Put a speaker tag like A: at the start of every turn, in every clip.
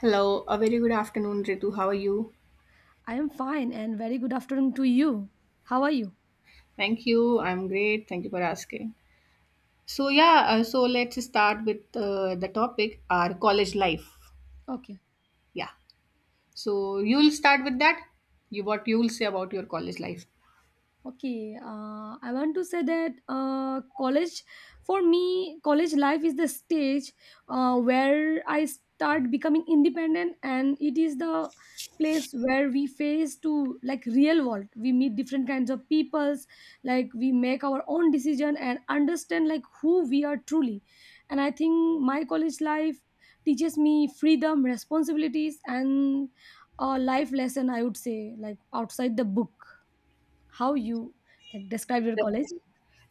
A: Hello, a very good afternoon, Ritu. How are you?
B: I am fine and very good afternoon to you. How are you?
A: Thank you. I'm great. Thank you for asking. So yeah, so let's start with the topic our college life.
B: Okay.
A: Yeah. So you'll start with that. You what you'll say about your college life.
B: Okay, I want to say that college, for me, college life is the stage where I start becoming independent, and it is the place where we face to like real world. We meet different kinds of peoples, like we make our own decision and understand like who we are truly. And I think my college life teaches me freedom, responsibilities, and a life lesson. I would say like outside the book how you like, described your college.
A: Definitely,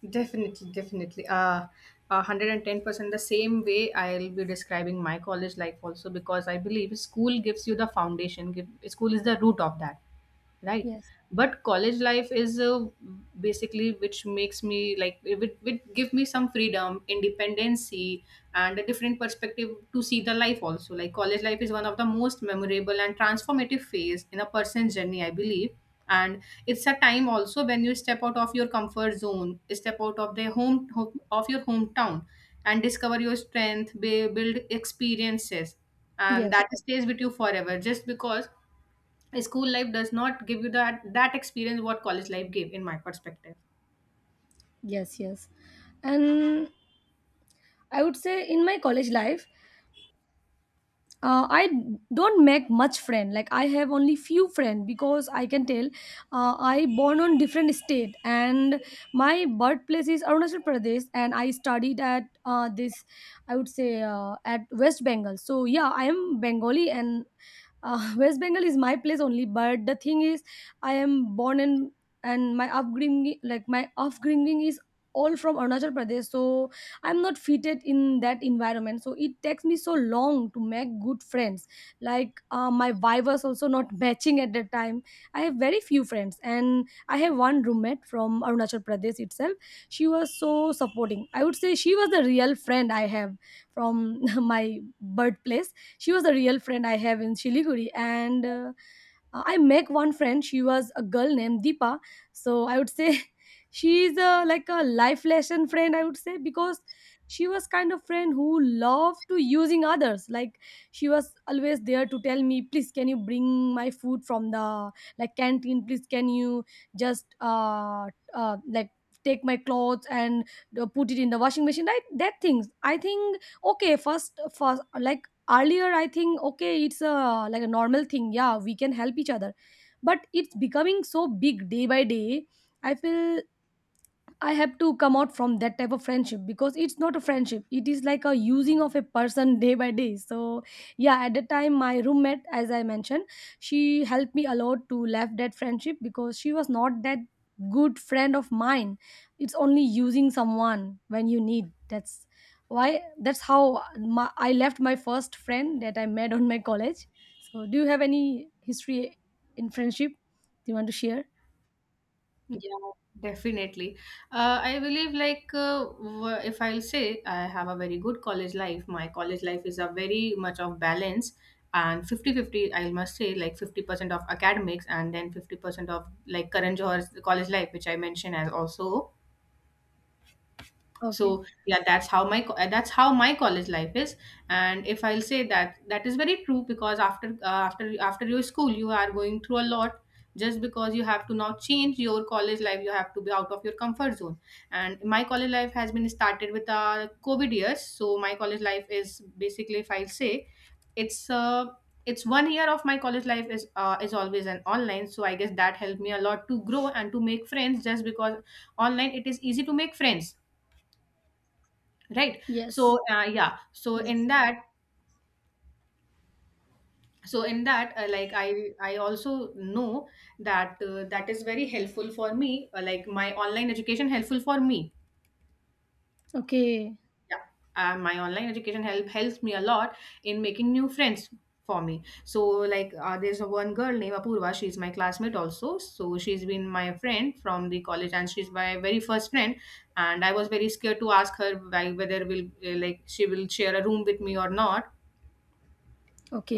A: definitely. 110% the same way I'll be describing my college life also because I believe school gives you the foundation. Give, school is the root of that. Right,
B: yes
A: but college life is basically which makes me like it would give me some freedom independency, and a different perspective to see the life also. Like college life is one of the most memorable and transformative phase in a person's journey, I believe, and it's a time also when you step out of your comfort zone, step out of the of your hometown, and discover your strength, build experiences, and
B: yes
A: that stays with you forever. Just because school life does not give you that experience what college life gave in my perspective.
B: yes yes And I would say in my college life, I don't make much friend. Like I have only few friend because I can tell I born on different state, and my birthplace is Arunachal Pradesh and I studied at this I would say at West Bengal. So yeah, I am Bengali and West Bengal is my place only. But the thing is, I am born in and my upbringing like my upbringing is all from Arunachal Pradesh. So I'm not fitted in that environment, so it takes me so long to make good friends, like my vibe was also not matching at that time. I have very few friends, and I have one roommate from Arunachal Pradesh itself. She was so supporting. I would say she was the real friend I have from my birthplace. She was the real friend I have in Shiliguri, and I make one friend. She was a girl named Deepa. So I would say she is a like a life lesson friend. I would say because she was kind of friend who loved to using others, like she was always there to tell me, please can you bring my food from the like canteen, please can you just like take my clothes and put it in the washing machine, like that things. I think okay, first like earlier I think okay it's a like a normal thing, yeah we can help each other, but it's becoming so big day by day, I feel I have to come out from that type of friendship because it's not a friendship. It is like a using of a person day by day. So yeah, at the time, my roommate, as I mentioned, she helped me a lot to left that friendship because she was not that good friend of mine. It's only using someone when you need. That's why. That's how my, I left my first friend that I met on my college. So, do you have any history in friendship? Do you want to share?
A: Yeah, definitely. I believe like if I'll say I have a very good college life. My college life is a very much of balance and 50 50. I must say like 50% of academics and then 50% of like current Johar's college life which I mentioned as also.
B: Okay.
A: So yeah, that's how that's how my college life is. And if I'll say that, that is very true because after after your school, you are going through a lot just because you have to now change your college life, you have to be out of your comfort zone. And my college life has been started with covid years, so my college life is basically, if I'll say, it's uh, it's 1 year of my college life is always an online. So I guess that helped me a lot to grow and to make friends just because online it is easy to make friends, right? So
B: Yes.
A: yeah, so
B: Yes.
A: in that, so in that, like I also know that that is very helpful for me, like my online education helpful for me.
B: Okay.
A: Yeah, my online education helps me a lot in making new friends for me. So like there's a one girl named Apurva, she's my classmate also. So she's been my friend from the college and she's my very first friend. And I was very scared to ask her whether will like she will share a room with me or not.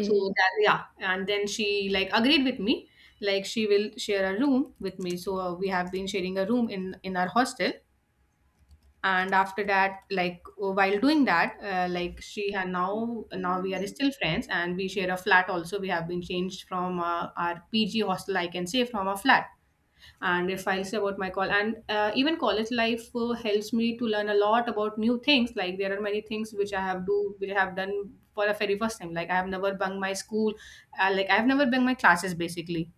A: So that, yeah, and then she like agreed with me, like she will share a room with me. So we have been sharing a room in our hostel. And after that, like, while doing that, like she had now we are still friends and we share a flat also. We have been changed from our PG hostel, I can say, from a flat. And if I'll say about my call and even college life helps me to learn a lot about new things. Like there are many things which I have do which I have done for the very first time. Like I have never bunk my school, like I have never bunk my classes basically,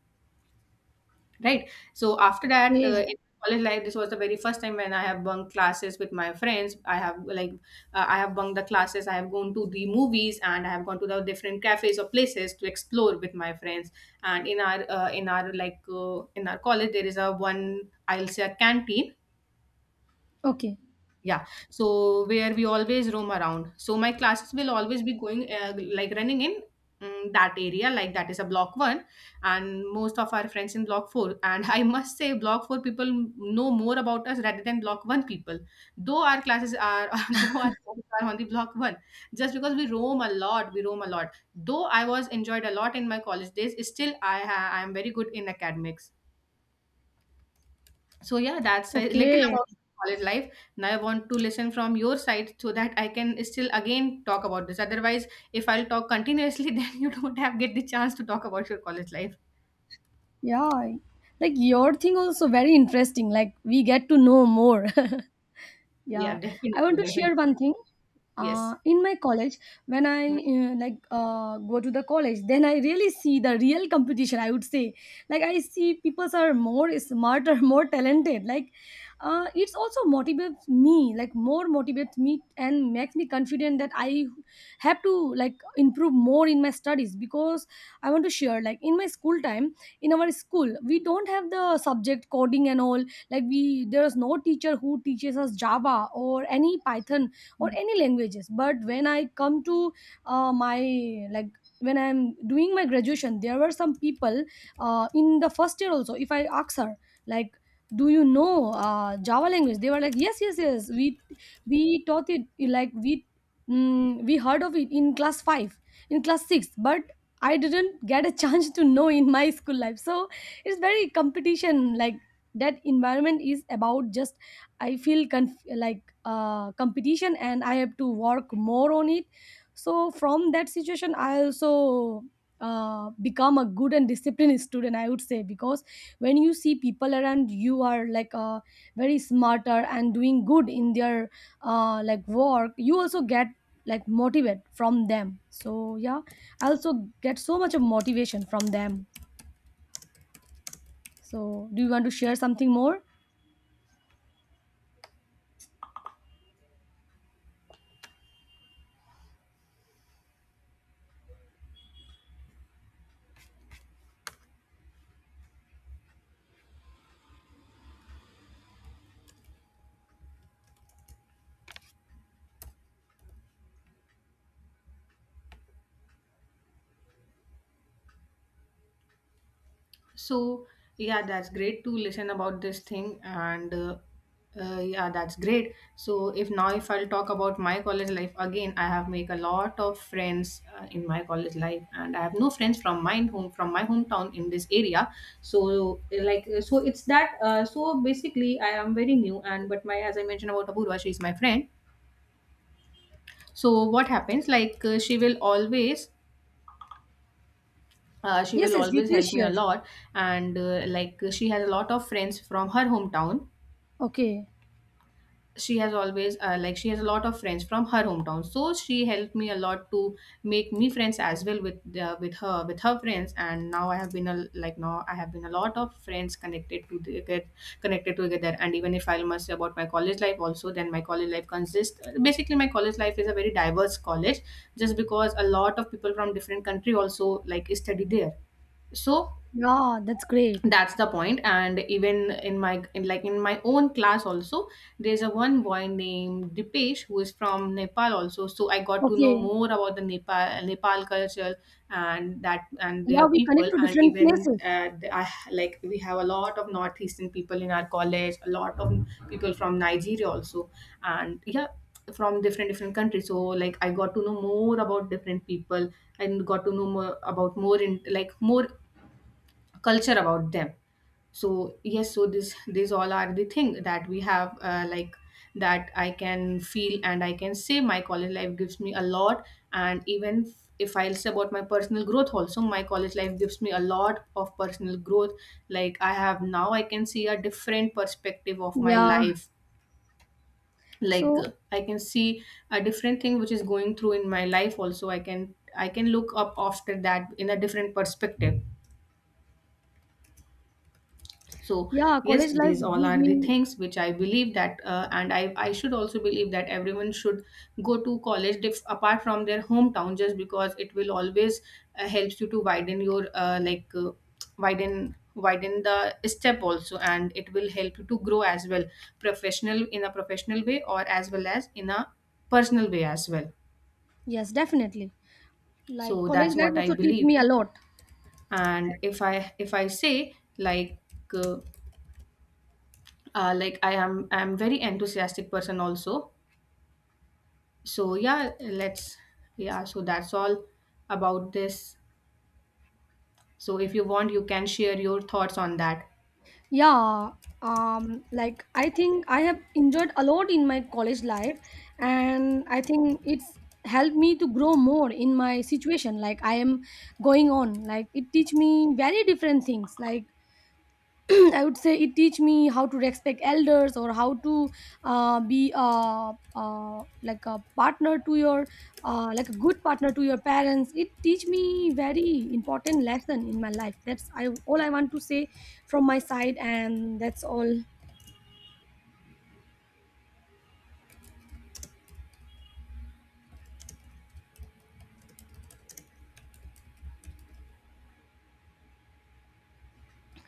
A: right? So after that,
B: Yeah.
A: in college life, this was the very first time when I have bunked classes with my friends. I have like, I have bunked the classes, I have gone to the movies, and I have gone to the different cafes or places to explore with my friends. And in our in our college there is a one, I'll say, a canteen.
B: Okay.
A: Yeah, so where we always roam around. So my classes will always be going, like running in, that area, like that is a block 1 and most of our friends in block 4. And I must say block 4 people know more about us rather than block 1 people, though our classes are though our classes are on the block 1. Just because we roam a lot, we roam a lot. Though I was enjoyed a lot in my college days, still I am very good in academics. So yeah, that's a little
B: Okay.
A: about college life. Now I want to listen from your side so that I can still again talk about this. Otherwise, if I'll talk continuously, then you don't have get the chance to talk about your college life.
B: Yeah. Like your thing also very interesting. Like we get to know more.
A: Yeah,
B: Yeah, I
A: definitely,
B: want to share
A: definitely.
B: one thing.
A: Yes.
B: In my college, when
A: Hmm.
B: I go to the college, then I really see the real competition. I would say, like I see people are more smarter, more talented. Like it's also motivates me, like more motivates me and makes me confident that I have to like improve more in my studies because I want to share. Like in my school time, in our school, we don't have the subject coding and all, like we there is no teacher who teaches us Java or any Python or any languages. But when I come to my like when I'm doing my graduation, there were some people in the first year also. If I ask her like, do you know Java language, they were like, yes yes yes, we taught it, like we we heard of it in class 5, in class 6. But I didn't get a chance to know in my school life. So it's very competition, like that environment is about just I feel competition, and I have to work more on it. So from that situation I also become a good and disciplined student, I would say, because when you see people around you are like very smarter and doing good in their like work, you also get like motivate from them. So yeah, I also get so much of motivation from them. So, do you want to share something more?
A: So yeah, that's great to listen about this thing, and yeah, that's great. So if now if I'll talk about my college life again, I have make a lot of friends in my college life, and I have no friends from my home, from my hometown in this area. So, so it's that. So basically, I am very new, and but my, as I mentioned about Apurva, she is my friend. So what happens? Like, she
B: Yes,
A: will
B: yes, you
A: always
B: can
A: help me a
B: share.
A: lot, and like she has a lot of friends from her hometown.
B: Okay.
A: She has always like she has a lot of friends from her hometown, so she helped me a lot to make me friends as well with the, with her, with her friends. And now I have been a like, now I have been a lot of friends connected to the, get connected together. And even if I must say about my college life also, then my college life consists basically, my college life is a very diverse college just because a lot of people from different country also like study there. So
B: Yeah, that's great.
A: that's the point. And even in my, in like in my own class also, there's a one boy named Dipesh who is from Nepal also. So I got to know
B: Okay.
A: more about the Nepal culture and that, and
B: Yeah,
A: their
B: we connect
A: people.
B: to
A: And
B: different
A: even
B: places.
A: like we have a lot of northeastern people in our college, a lot of people from Nigeria also, and yeah, from different countries. So like I got to know more about different people and got to know more about more in like more culture about them. So yes, so this these all are the thing that we have, like that I can feel and I can say my college life gives me a lot. And even if I'll say about my personal growth also, my college life gives me a lot of personal growth. Like I have now, I can see a different perspective of my
B: Yeah.
A: life. Like
B: So,
A: I can see a different thing which is going through in my life also. I can look up after that in a different perspective. So
B: yeah,
A: yes,
B: college life
A: these all
B: give
A: are the
B: me,
A: things which I believe that, and I should also believe that everyone should go to college apart from their hometown, just because it will always helps you to widen your widen, the step also, and it will help you to grow as well professional, in a professional way, or as well as in a personal way as well.
B: yes, definitely.
A: So
B: Like, college
A: that's
B: life
A: what I
B: also teach
A: believe.
B: me a lot.
A: And if I say like, uh, like I am, I'm very enthusiastic person also. So yeah, let's, yeah, so that's all about this. So if you want, you can share your thoughts on that.
B: Yeah. I think I have enjoyed a lot in my college life, and I think it's helped me to grow more in my situation, like I am going on. Like it teach me very different things, like I would say it teach me how to respect elders or how to be like a partner to your like a good partner to your parents. It teach me very important lesson in my life. That's I all I want to say from my side, and that's all.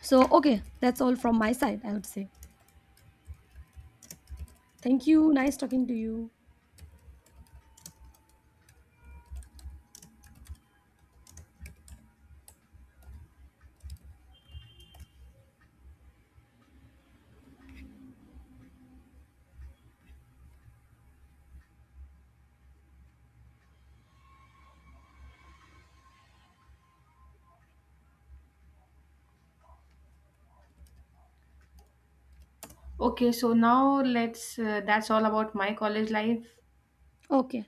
B: So okay, that's all from my side. I would say thank you. Nice talking to you.
A: Okay, so now let's, that's all about my college life.
B: Okay.